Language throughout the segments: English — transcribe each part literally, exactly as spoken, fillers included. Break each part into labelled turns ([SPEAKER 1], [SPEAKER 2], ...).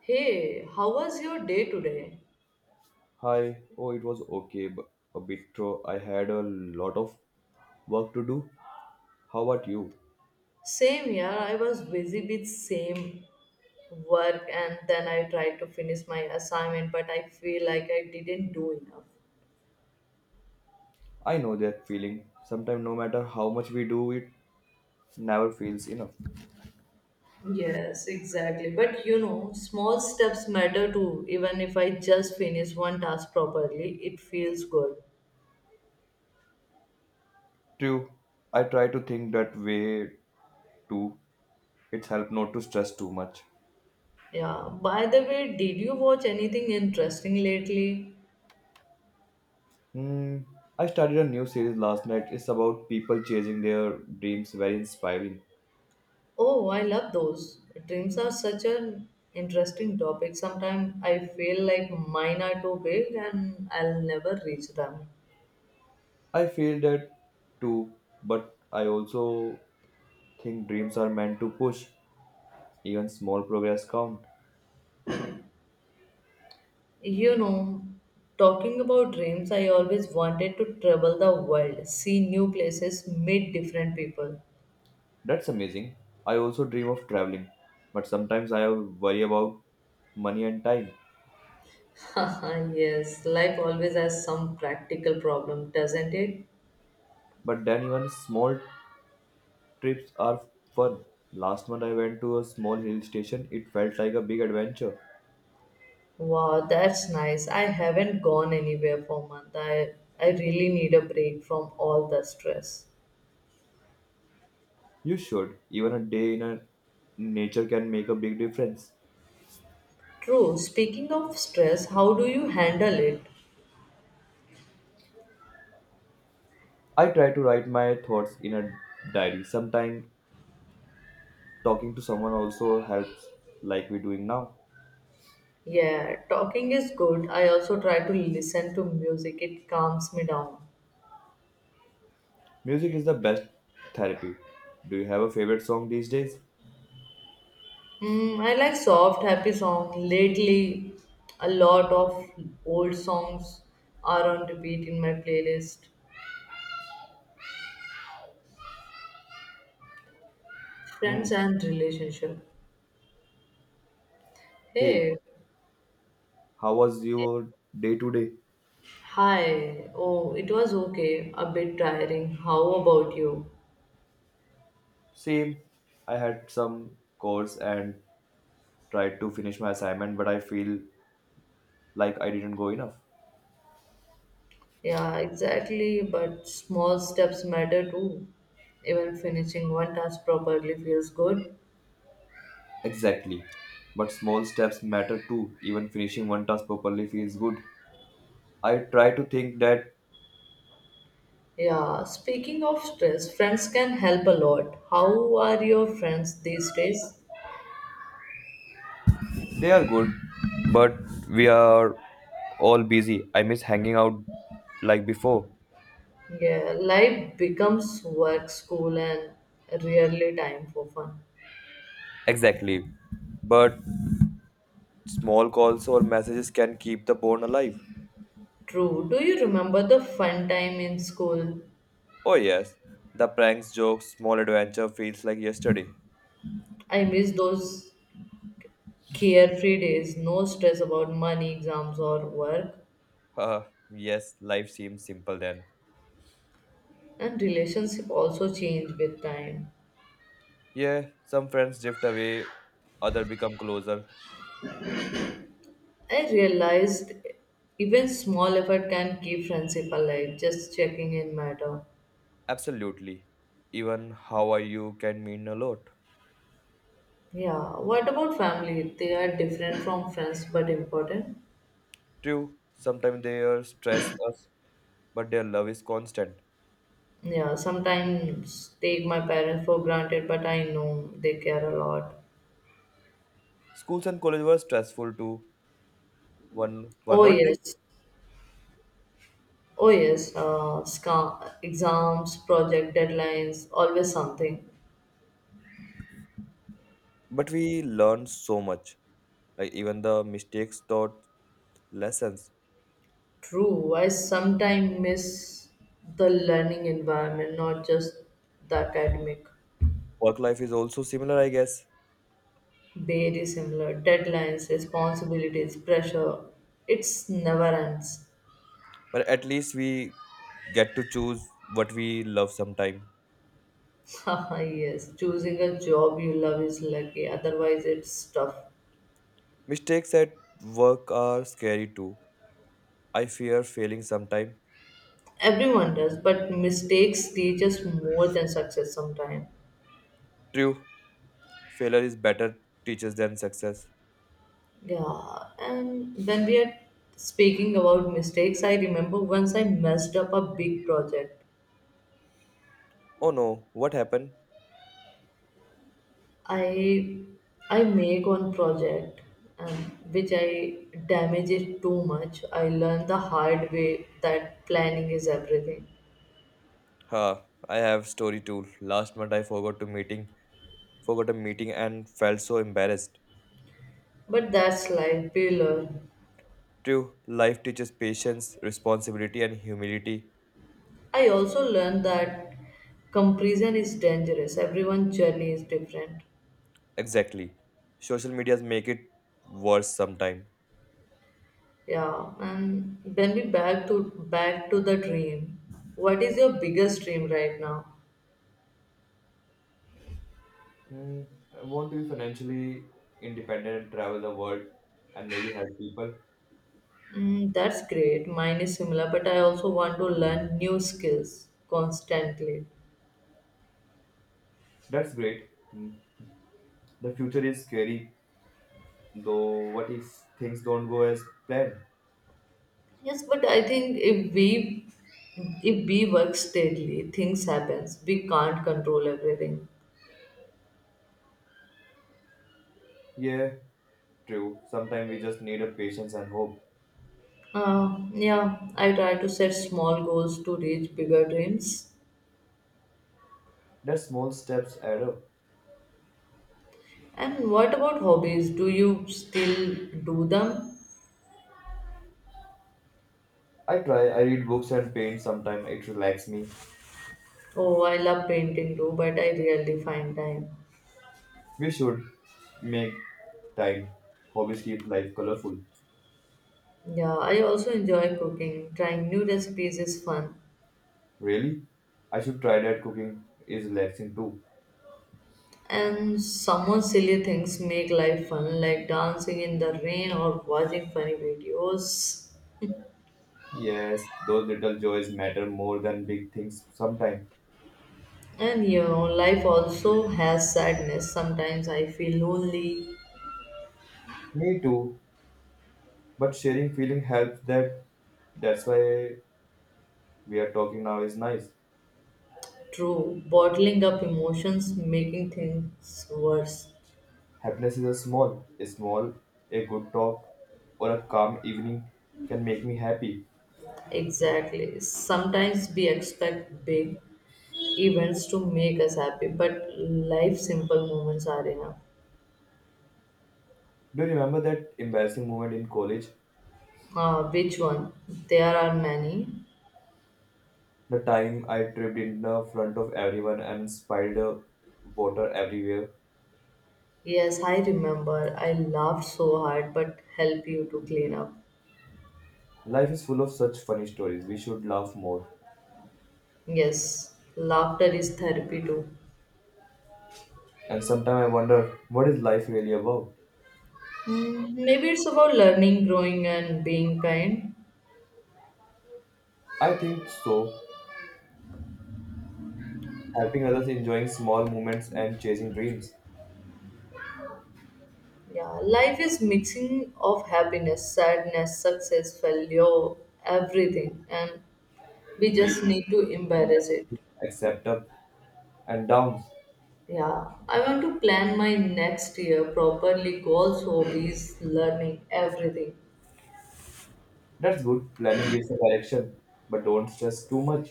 [SPEAKER 1] Hey, how was your day today?
[SPEAKER 2] Hi, oh, it was okay, but a bit throw. I had a lot of work to do. How about you?
[SPEAKER 1] Same here, I was busy with same work and then I tried to finish my assignment, but I feel like I didn't do enough.
[SPEAKER 2] I know that feeling. Sometimes, no matter how much we do, it never feels enough.
[SPEAKER 1] Yes, exactly. But you know, small steps matter too. Even if I just finish one task properly, it feels good.
[SPEAKER 2] True, I try to think that way too. It's helped not to stress too much.
[SPEAKER 1] Yeah. By the way, did you watch anything interesting lately?
[SPEAKER 2] Hmm, I started a new series last night. It's about people chasing their dreams. Very inspiring.
[SPEAKER 1] Oh, I love those. Dreams are such an interesting topic. Sometimes I feel like mine are too big and I'll never reach them.
[SPEAKER 2] I feel that too, but I also think dreams are meant to push. Even small progress count.
[SPEAKER 1] You know, talking about dreams, I always wanted to travel the world, see new places, meet different people.
[SPEAKER 2] That's amazing. I also dream of traveling, but sometimes I worry about money and time.
[SPEAKER 1] Yes, life always has some practical problem, doesn't it?
[SPEAKER 2] But then even small trips are fun. Last month I went to a small hill station. It felt like a big adventure.
[SPEAKER 1] Wow, that's nice. I haven't gone anywhere for a month. I, I really need a break from all the stress.
[SPEAKER 2] You should. Even a day in a nature can make a big difference.
[SPEAKER 1] True. Speaking of stress, how do you handle it?
[SPEAKER 2] I try to write my thoughts in a diary. Sometimes talking to someone also helps, like we're doing now.
[SPEAKER 1] Yeah, talking is good. I also try to listen to music, it calms me down.
[SPEAKER 2] Music is the best therapy. Do you have a favorite song these days?
[SPEAKER 1] Mm, I like soft, happy songs. Lately, a lot of old songs are on repeat in my playlist.
[SPEAKER 2] Hmm.
[SPEAKER 1] Friends and relationship.
[SPEAKER 2] Hey,
[SPEAKER 1] Hey,
[SPEAKER 2] how was your day today?
[SPEAKER 1] hi. Oh, it was okay. A bit tiring. How about you?
[SPEAKER 2] Same. I had some course and tried to finish my assignment, but I feel like I didn't go enough.
[SPEAKER 1] Yeah, exactly. But small steps matter too. Even finishing one task properly feels good.
[SPEAKER 2] Exactly. But small steps matter too. Even finishing one task properly feels good. I try to think that
[SPEAKER 1] Yeah, speaking of stress, friends can help a lot. How are your friends these days?
[SPEAKER 2] they are good, but we are all busy. I miss hanging out like before.
[SPEAKER 1] Yeah, life becomes work, school, and rarely time for fun.
[SPEAKER 2] Exactly. But small calls or messages can keep the bond alive.
[SPEAKER 1] True. Do you remember the fun time in school?
[SPEAKER 2] Oh, yes, the pranks, jokes, small adventure feels like yesterday.
[SPEAKER 1] I miss those carefree days, no stress about money, exams, or work.
[SPEAKER 2] Haha, yes, life seems simple then.
[SPEAKER 1] And relationship also change with time.
[SPEAKER 2] Yeah, some friends drift away, other become closer.
[SPEAKER 1] I realized even small effort can keep friendship alive, just checking in matter.
[SPEAKER 2] Absolutely. Even how are you can mean a lot.
[SPEAKER 1] Yeah, what about family? They are different from friends but important.
[SPEAKER 2] True, sometimes they are stress us, but their love is constant.
[SPEAKER 1] Yeah, sometimes take my parents for granted, but I know they care a lot.
[SPEAKER 2] Schools and college were stressful too. One were
[SPEAKER 1] Oh,
[SPEAKER 2] not they?
[SPEAKER 1] yes. Oh, yes. Uh, sca- exams, project deadlines, always something.
[SPEAKER 2] But we learned so much. Like even the mistakes taught lessons.
[SPEAKER 1] True, I sometimes miss the learning environment, not just the academic.
[SPEAKER 2] Work life is also similar, I guess.
[SPEAKER 1] Very similar. Deadlines, responsibilities, pressure. It's never ends.
[SPEAKER 2] But at least we get to choose what we love sometime.
[SPEAKER 1] Yes, choosing a job you love is lucky, otherwise, it's tough.
[SPEAKER 2] Mistakes at work are scary too. I fear failing sometime.
[SPEAKER 1] Everyone does, but mistakes teach us more than success sometimes.
[SPEAKER 2] True, failure is better teachers than success.
[SPEAKER 1] Yeah, and when we are speaking about mistakes, I remember once I messed up a big project.
[SPEAKER 2] Oh no, what happened?
[SPEAKER 1] I I make one project, um, which I damage it too much. I learn the hard way that planning is everything.
[SPEAKER 2] Ha, I have story too. Last month I forgot to meeting, forgot a meeting and felt so embarrassed.
[SPEAKER 1] But that's life we learn.
[SPEAKER 2] True, life teaches patience, responsibility and humility.
[SPEAKER 1] I also learned that comparison is dangerous. Everyone's journey is different.
[SPEAKER 2] Exactly. Social medias make it worse sometime.
[SPEAKER 1] Yeah, and then we back to back to the dream. What is your biggest dream right now?
[SPEAKER 2] Mm, I want to be financially independent, travel the world, and maybe help people.
[SPEAKER 1] Mm, that's great. Mine is similar, but I also want to learn new skills constantly.
[SPEAKER 2] That's great. Mm. The future is scary, though. What if things don't go as planned?
[SPEAKER 1] Yes, but I think if we if we work steadily, things happens. We can't control everything.
[SPEAKER 2] Yeah, true. Sometimes we just need a patience and hope.
[SPEAKER 1] Uh, yeah, I try to set small goals to reach bigger dreams.
[SPEAKER 2] That small steps add up.
[SPEAKER 1] And what about hobbies? Do you still do them?
[SPEAKER 2] I try. I read books and paint. Sometimes it relaxes me.
[SPEAKER 1] Oh, I love painting too, but I rarely find time.
[SPEAKER 2] We should make time. Hobbies keep life colorful.
[SPEAKER 1] Yeah, I also enjoy cooking. Trying new recipes is fun.
[SPEAKER 2] Really, I should try that. Cooking is relaxing too.
[SPEAKER 1] And somewhat silly things make life fun, like dancing in the rain or watching funny videos.
[SPEAKER 2] Yes, those little joys matter more than big things sometimes.
[SPEAKER 1] And you know, life also has sadness. Sometimes I feel lonely,
[SPEAKER 2] Me too. But sharing feeling helps that that's why we are talking now is nice.
[SPEAKER 1] true. Bottling up emotions, making things worse.
[SPEAKER 2] Happiness is a small, a small, a good talk or a calm evening can make me happy.
[SPEAKER 1] Exactly. Sometimes we expect big events to make us happy, but life simple moments are enough.
[SPEAKER 2] Do you remember that embarrassing moment in college?
[SPEAKER 1] Uh, which one? There are many.
[SPEAKER 2] The time I tripped in the front of everyone and spilled uh, water everywhere.
[SPEAKER 1] Yes, I remember. I laughed so hard, but help you to clean up.
[SPEAKER 2] Life is full of such funny stories. We should laugh more.
[SPEAKER 1] Yes, laughter is therapy too.
[SPEAKER 2] And sometimes I wonder what is life really about?
[SPEAKER 1] Mm, maybe it's about learning, growing, and being kind.
[SPEAKER 2] I think so. Helping others, enjoying small moments, and chasing dreams.
[SPEAKER 1] Yeah, life is mixing of happiness, sadness, success, failure, everything, and we
[SPEAKER 2] We
[SPEAKER 1] just need to embrace it.
[SPEAKER 2] accept up and downs.
[SPEAKER 1] Yeah, I want to plan my next year properly. Goals, hobbies, learning, everything.
[SPEAKER 2] That's good. Planning gives a direction, but don't stress too much.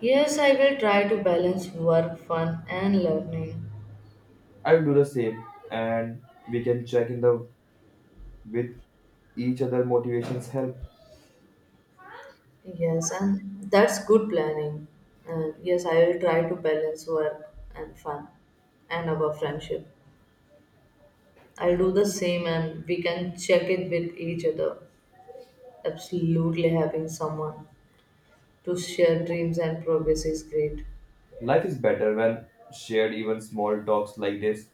[SPEAKER 1] Yes, I will try to balance work, fun, and learning.
[SPEAKER 2] I'll do the same, and we can check in the with each other. Motivations help.
[SPEAKER 1] Yes, and that's good planning. And yes, I will try to balance work and fun and our friendship. I'll do the same and we can check it with each other. Absolutely, having someone to share dreams and progress is great.
[SPEAKER 2] Life is better when shared. Even small talks like this.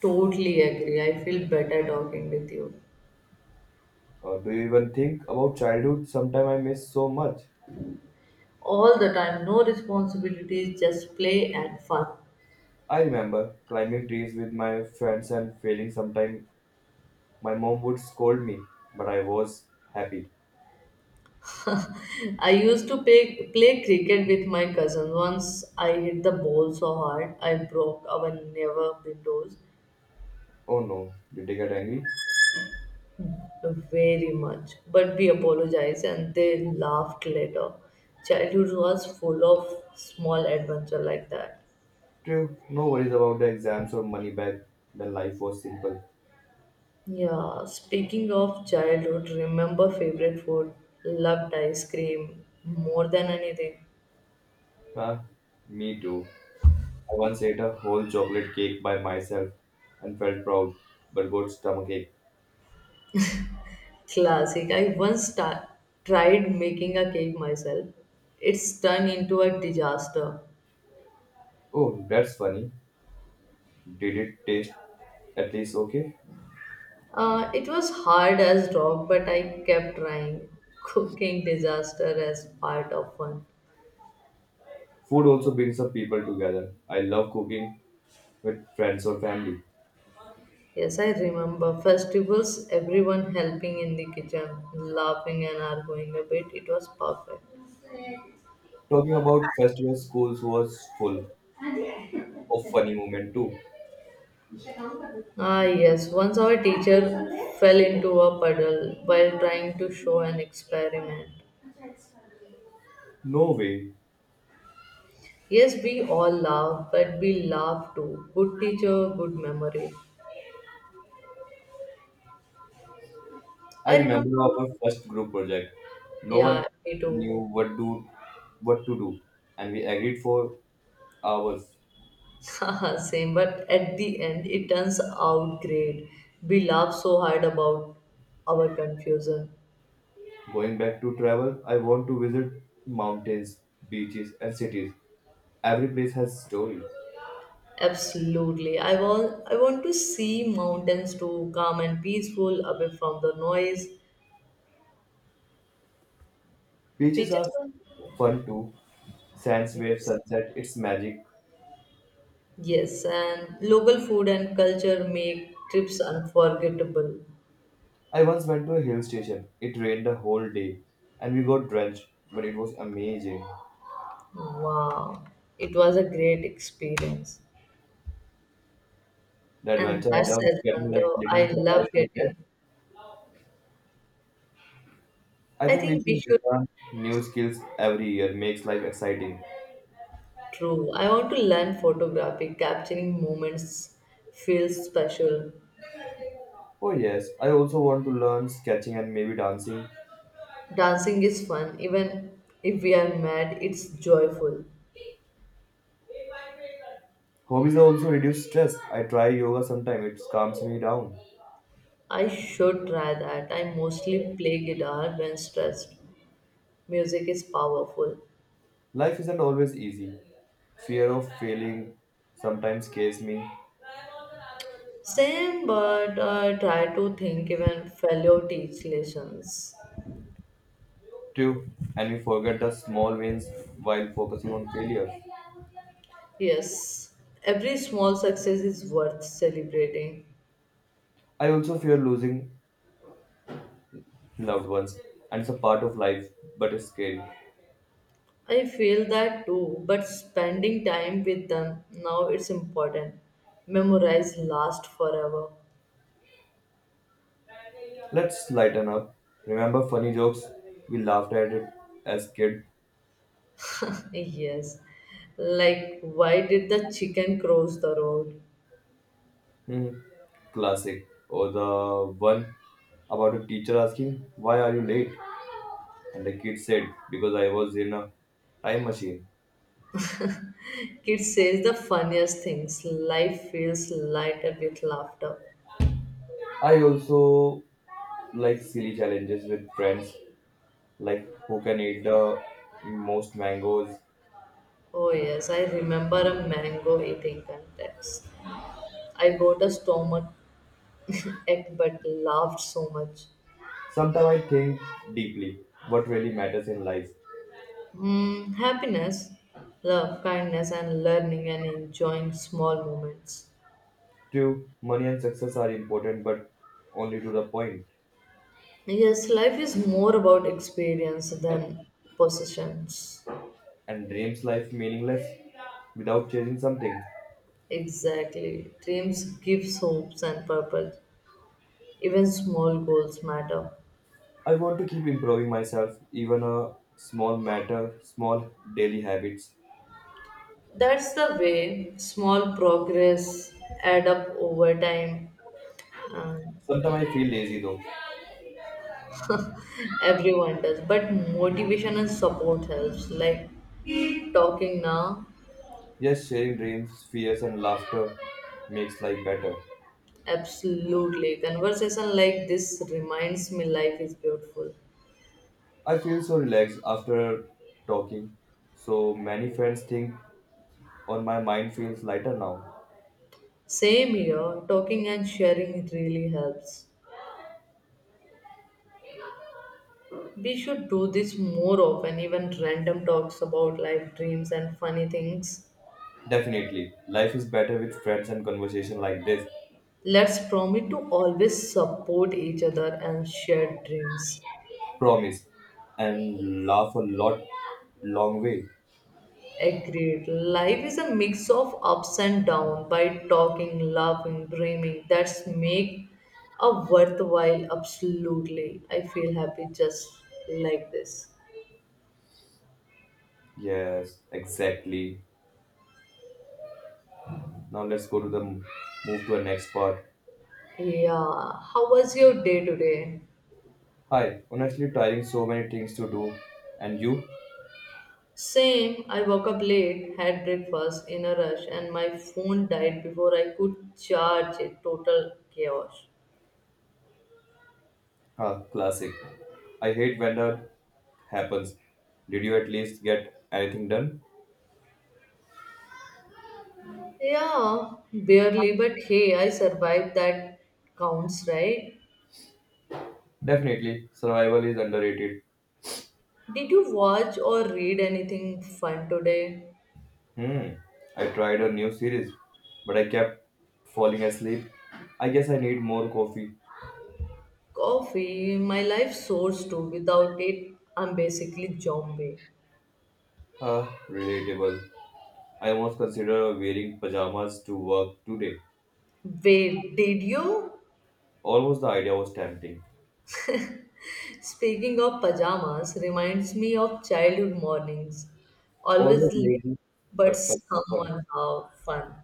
[SPEAKER 1] Totally agree. I feel better talking with you.
[SPEAKER 2] Or do you even think about childhood? Sometime I miss so much.
[SPEAKER 1] All the time, no responsibilities, just play and fun.
[SPEAKER 2] I remember climbing trees with my friends and failing sometime. My mom would scold me, but I was happy.
[SPEAKER 1] I used to play, play cricket with my cousin. Once I hit the ball so hard, I broke our never windows.
[SPEAKER 2] Oh no, did they get angry?
[SPEAKER 1] Very much. But we apologized and they laughed later. Childhood was full of small adventure like that.
[SPEAKER 2] True, no worries about the exams or money back. Then life was simple.
[SPEAKER 1] Yeah, speaking of childhood, remember favorite food? Loved ice cream more than anything.
[SPEAKER 2] Huh? Me too. I once ate a whole chocolate cake by myself and felt proud, but got stomachache.
[SPEAKER 1] Classic. I once sta- tried making a cake myself. It's turned into a disaster.
[SPEAKER 2] Oh, that's funny. Did it taste at least okay?
[SPEAKER 1] Uh, it was hard as rock, but I kept trying. Cooking disaster as part of fun.
[SPEAKER 2] Food also brings up people together. I love cooking with friends or family.
[SPEAKER 1] Yes, I remember festivals, everyone helping in the kitchen, laughing and arguing a bit. It was perfect.
[SPEAKER 2] Talking about festival schools was full of funny moment too.
[SPEAKER 1] Ah, yes, once our teacher fell into a puddle while trying to show an experiment.
[SPEAKER 2] No way.
[SPEAKER 1] Yes, we all laugh, but we laugh too. Good teacher, good memory.
[SPEAKER 2] I
[SPEAKER 1] I remember,
[SPEAKER 2] remember our first group project. No
[SPEAKER 1] yeah,
[SPEAKER 2] one
[SPEAKER 1] me too.
[SPEAKER 2] knew what do what to do, and we agreed for hours.
[SPEAKER 1] Same, but at the end, it turns out great. We laugh so hard about our confusion.
[SPEAKER 2] Going back to travel, I want to visit mountains, beaches, and cities. Every place has a story.
[SPEAKER 1] Absolutely. I want I want to see mountains too, calm and peaceful, away from the noise.
[SPEAKER 2] Beaches are
[SPEAKER 1] Beaches are
[SPEAKER 2] fun too. Sands, waves,
[SPEAKER 1] yes.
[SPEAKER 2] sunset, it's magic.
[SPEAKER 1] Yes, and local food and culture make trips unforgettable.
[SPEAKER 2] I once went to a hill station. It rained the whole day, and we got drenched, but it was amazing.
[SPEAKER 1] Wow. It was a great experience.
[SPEAKER 2] The
[SPEAKER 1] And
[SPEAKER 2] adventure I
[SPEAKER 1] that's
[SPEAKER 2] loved getting like
[SPEAKER 1] Edmundo.
[SPEAKER 2] little
[SPEAKER 1] I love
[SPEAKER 2] surprise like that.
[SPEAKER 1] getting.
[SPEAKER 2] I
[SPEAKER 1] I
[SPEAKER 2] think we
[SPEAKER 1] think we
[SPEAKER 2] should
[SPEAKER 1] should
[SPEAKER 2] learn new skills every year. Makes life exciting.
[SPEAKER 1] true. I want to learn photography. Capturing moments feels special.
[SPEAKER 2] Oh yes, I also want to learn sketching and maybe dancing.
[SPEAKER 1] Dancing is fun, even if we are mad, it's joyful.
[SPEAKER 2] Hobbies also reduce stress. I try yoga sometimes. It calms me down.
[SPEAKER 1] I should try that. I mostly play guitar when stressed. Music is powerful.
[SPEAKER 2] Life isn't always easy. Fear of failing sometimes scares me
[SPEAKER 1] Same, but I try to think even fellow teach lessons.
[SPEAKER 2] too, and we forget the small wins while focusing on failure.
[SPEAKER 1] Yes, every small success is worth celebrating.
[SPEAKER 2] I also fear losing loved ones, and it's a part of life, but it's scary.
[SPEAKER 1] I feel that too, but spending time with them now it's important. Memorize last forever.
[SPEAKER 2] Let's lighten up. Remember funny jokes? We laughed at it as kid.
[SPEAKER 1] Yes. Like, why did the chicken cross the road?
[SPEAKER 2] Hmm, classic. Or the one about a teacher asking, "Why are you late?" And the kid said, "Because I was in a time machine."
[SPEAKER 1] Kid says the funniest things. Life feels lighter with laughter.
[SPEAKER 2] I also like silly challenges with friends, like who can eat the most mangoes.
[SPEAKER 1] Oh, yes, I remember a mango eating contest. I got a stomach ache but laughed so much.
[SPEAKER 2] Sometimes I think deeply what really matters in life.
[SPEAKER 1] Mm, happiness, love, kindness, and learning and enjoying small moments.
[SPEAKER 2] Two, money and success are important, but only to the point.
[SPEAKER 1] Yes, life is more about experience than possessions.
[SPEAKER 2] And dreams life meaningless without chasing something.
[SPEAKER 1] Exactly. Dreams gives hopes and purpose. Even small goals matter.
[SPEAKER 2] I want to keep improving myself, even a small matter, small daily habits.
[SPEAKER 1] That's the way small progress add up over time. Um,
[SPEAKER 2] Sometimes I feel lazy though.
[SPEAKER 1] Everyone does. But motivation and support helps. Like talking now,
[SPEAKER 2] Yes, sharing dreams, fears, and laughter makes life better.
[SPEAKER 1] absolutely. Conversation like this reminds me life is beautiful.
[SPEAKER 2] I feel so relaxed after talking. So many friends think on my mind feels lighter now.
[SPEAKER 1] Same here, talking and sharing really helps. We should do this more often, even random talks about life dreams and funny things.
[SPEAKER 2] Definitely, life is better with friends and conversation like this.
[SPEAKER 1] Let's promise to always support each other and share dreams.
[SPEAKER 2] Promise and laugh a lot long way.
[SPEAKER 1] Agreed. Life is a mix of ups and downs. By talking, laughing, dreaming, that's make a worthwhile. Absolutely, I feel happy just like this.
[SPEAKER 2] Yes, exactly. Now let's go to the move to the next part.
[SPEAKER 1] Yeah. How was your day today?
[SPEAKER 2] Hi, honestly tiring, so many things to do. And you?
[SPEAKER 1] Same, I woke up late, had breakfast in a rush, and my phone died before I could charge it. Total chaos.
[SPEAKER 2] Huh, classic. I hate when that happens. Did you at least get anything done?
[SPEAKER 1] Yeah, barely, but hey, I survived that counts, right?
[SPEAKER 2] Definitely, survival is underrated.
[SPEAKER 1] Did you watch or read anything fun today?
[SPEAKER 2] Hmm, I tried a new series, but I kept falling asleep. I guess I need more coffee.
[SPEAKER 1] Coffee, my life source too. Without it, I'm basically zombie.
[SPEAKER 2] Ah, relatable. I almost considered wearing pajamas to work today.
[SPEAKER 1] Wait, did you?
[SPEAKER 2] Almost, the idea was tempting.
[SPEAKER 1] Speaking of pajamas, reminds me of childhood mornings. Always
[SPEAKER 2] Always
[SPEAKER 1] late,
[SPEAKER 2] lazy,
[SPEAKER 1] but
[SPEAKER 2] but somehow fun.
[SPEAKER 1] somehow fun.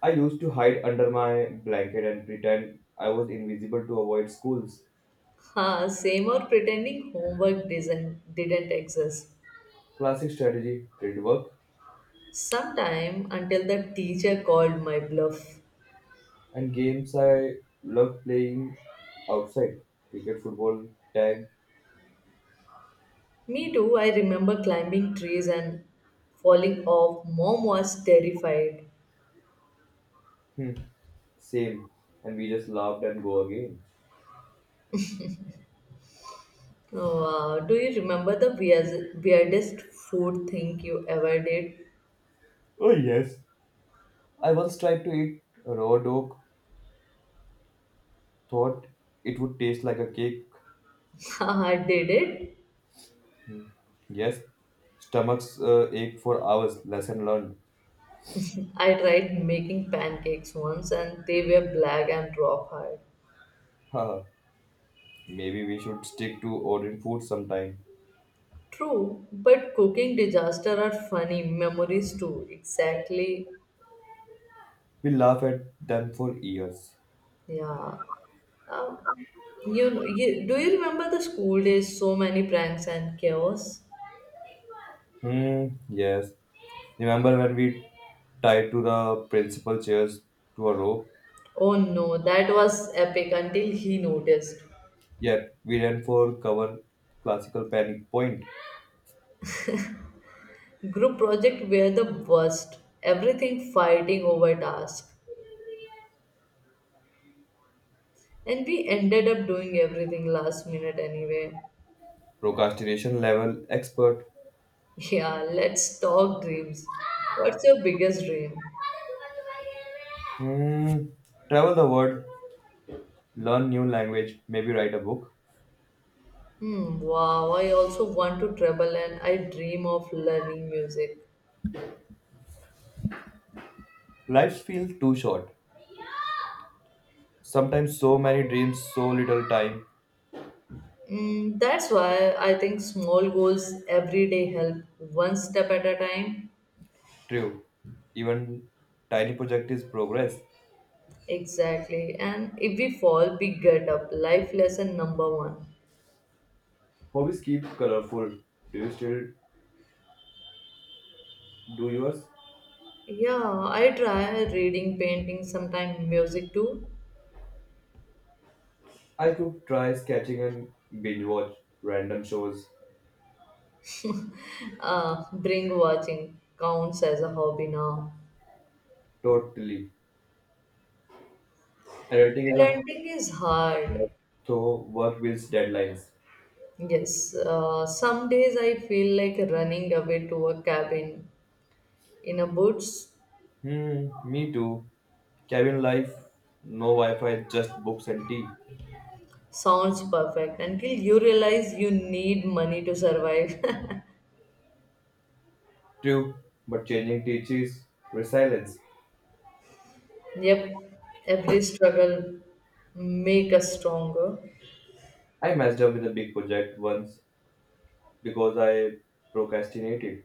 [SPEAKER 2] I used to hide under my blanket and pretend I was invisible to avoid schools.
[SPEAKER 1] Ha, same or pretending homework didn't, didn't exist.
[SPEAKER 2] Classic strategy did work,
[SPEAKER 1] Sometime until the teacher called my bluff.
[SPEAKER 2] and games I love playing outside, cricket, football, tag.
[SPEAKER 1] Me too, I remember climbing trees and falling off. Mom was terrified.
[SPEAKER 2] Hmm, same. And we just laughed and go again.
[SPEAKER 1] Oh, wow. Do you remember the weirdest weirdest food thing you ever did?
[SPEAKER 2] Oh, yes. I once tried to eat raw dog, thought it would taste like a cake.
[SPEAKER 1] I did it
[SPEAKER 2] Yes, stomachs uh, ache for hours. Lesson learned.
[SPEAKER 1] I tried making pancakes once and they were black and rawhide.
[SPEAKER 2] Haha, maybe we should stick to ordering food sometime.
[SPEAKER 1] True, but cooking disaster are funny memories too. Exactly.
[SPEAKER 2] We laugh at them for years.
[SPEAKER 1] Yeah. Um, you, you Do you remember the school days? So many pranks and chaos.
[SPEAKER 2] Hmm. Yes. Remember when we tied to the principal chairs to a rope?
[SPEAKER 1] Oh no, that was epic until he noticed.
[SPEAKER 2] Yet we ran for cover. Classical panic point.
[SPEAKER 1] Group project were the worst. Everything fighting over task, and we ended up doing everything last minute anyway.
[SPEAKER 2] Procrastination level expert.
[SPEAKER 1] Yeah, let's talk dreams. What's your biggest dream?
[SPEAKER 2] Hmm. Travel the world. Learn new language. Maybe write a book.
[SPEAKER 1] Hmm, wow, I also want to travel and I dream of learning music.
[SPEAKER 2] Life feels too short. Sometimes so many dreams, so little time.
[SPEAKER 1] Mm, that's why I think small goals every day help one step at a time.
[SPEAKER 2] True. Even tiny project is progress.
[SPEAKER 1] Exactly. And if we fall, we get up. Life lesson number one.
[SPEAKER 2] Hobbies keep colorful. Do you still do yours?
[SPEAKER 1] Yeah, I try reading, painting, sometimes music too.
[SPEAKER 2] I could try sketching and binge watch random shows.
[SPEAKER 1] Uh, bring watching counts as a hobby now.
[SPEAKER 2] Totally. Editing is a
[SPEAKER 1] Parenting is hard.
[SPEAKER 2] so work builds deadlines.
[SPEAKER 1] Yes, uh, some days I feel like running away to a cabin in a woods
[SPEAKER 2] Hmm, me too. Cabin life, no Wi-Fi, just books and tea.
[SPEAKER 1] sounds perfect until you realize you need money to survive.
[SPEAKER 2] True, but changing teachers, resilience.
[SPEAKER 1] Yep, every struggle make us stronger.
[SPEAKER 2] I messed up with a big project once because I procrastinated.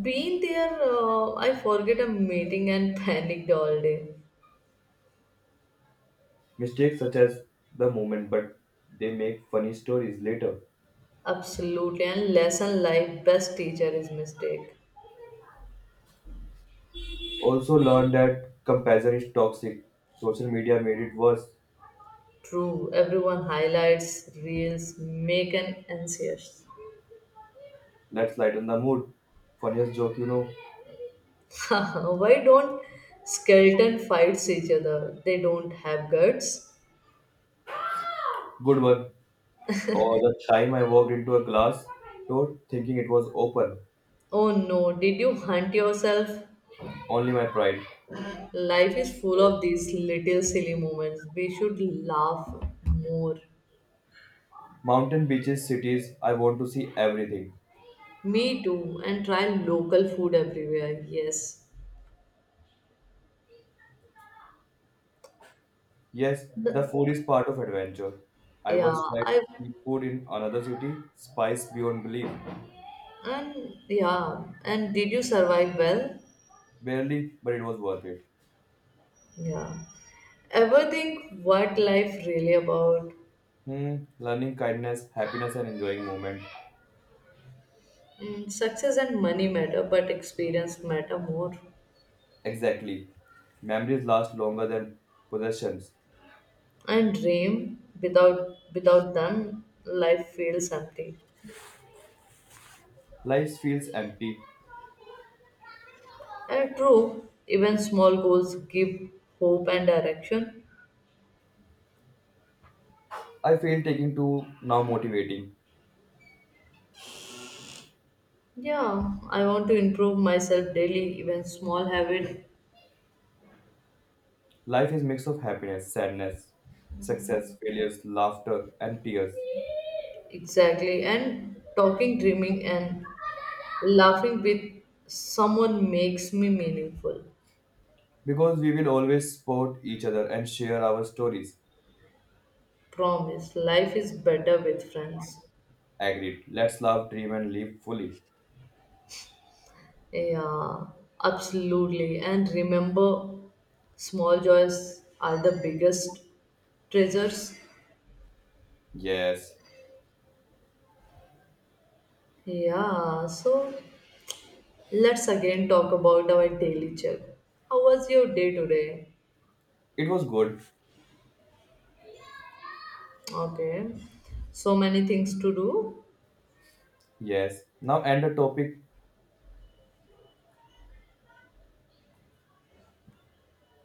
[SPEAKER 1] Being there, uh, I forget a meeting and panicked all day.
[SPEAKER 2] Mistakes such as the moment, but they make funny stories later.
[SPEAKER 1] Absolutely, and lesson life best teacher is mistake.
[SPEAKER 2] Also learned that comparison is toxic. Social media made it worse.
[SPEAKER 1] True, everyone highlights, reels, make an anxious.
[SPEAKER 2] Let's lighten the mood. Funniest joke, you know.
[SPEAKER 1] Why don't skeleton fights each other? They don't have guts.
[SPEAKER 2] Good one. Or the time I walked into a glass door thinking it was open.
[SPEAKER 1] Oh no, did you hunt yourself?
[SPEAKER 2] Only my pride.
[SPEAKER 1] Life is full of these little silly moments. We should laugh more.
[SPEAKER 2] Mountain, beaches, cities, I want to see everything.
[SPEAKER 1] Me too, and try local food everywhere. Yes.
[SPEAKER 2] Yes, the
[SPEAKER 1] The-
[SPEAKER 2] food is part of adventure. I
[SPEAKER 1] yeah,
[SPEAKER 2] once tried
[SPEAKER 1] I
[SPEAKER 2] street food in another city, spice beyond belief.
[SPEAKER 1] and yeah, and did you survive well?
[SPEAKER 2] Barely, but it was worth it.
[SPEAKER 1] Yeah. Ever think what life really about?
[SPEAKER 2] Hmm, learning kindness, happiness, and enjoying moment.
[SPEAKER 1] Mm, success and money matter, but experience matter more.
[SPEAKER 2] Exactly. Memories last longer than possessions.
[SPEAKER 1] And dream without without them life feels empty
[SPEAKER 2] Life feels empty.
[SPEAKER 1] and true even small goals give hope and direction.
[SPEAKER 2] I feel taking to now motivating.
[SPEAKER 1] Yeah, I want to improve myself daily even small habit.
[SPEAKER 2] Life is mix of happiness, sadness, success, failures, laughter, and tears.
[SPEAKER 1] Exactly and talking dreaming and laughing with someone makes me meaningful
[SPEAKER 2] Because we will always support each other and share our stories.
[SPEAKER 1] promise life is better with friends.
[SPEAKER 2] Agreed. Let's love, dream, and live fully.
[SPEAKER 1] Yeah, absolutely and remember small joys are the biggest treasures.
[SPEAKER 2] Yes.
[SPEAKER 1] Yeah, so let's again talk about our daily check. How was your day today?
[SPEAKER 2] It was good.
[SPEAKER 1] Okay, so many things to do.
[SPEAKER 2] Yes. Now end the topic.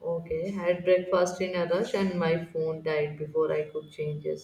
[SPEAKER 1] Okay, had breakfast in a rush and my phone died before I could change it.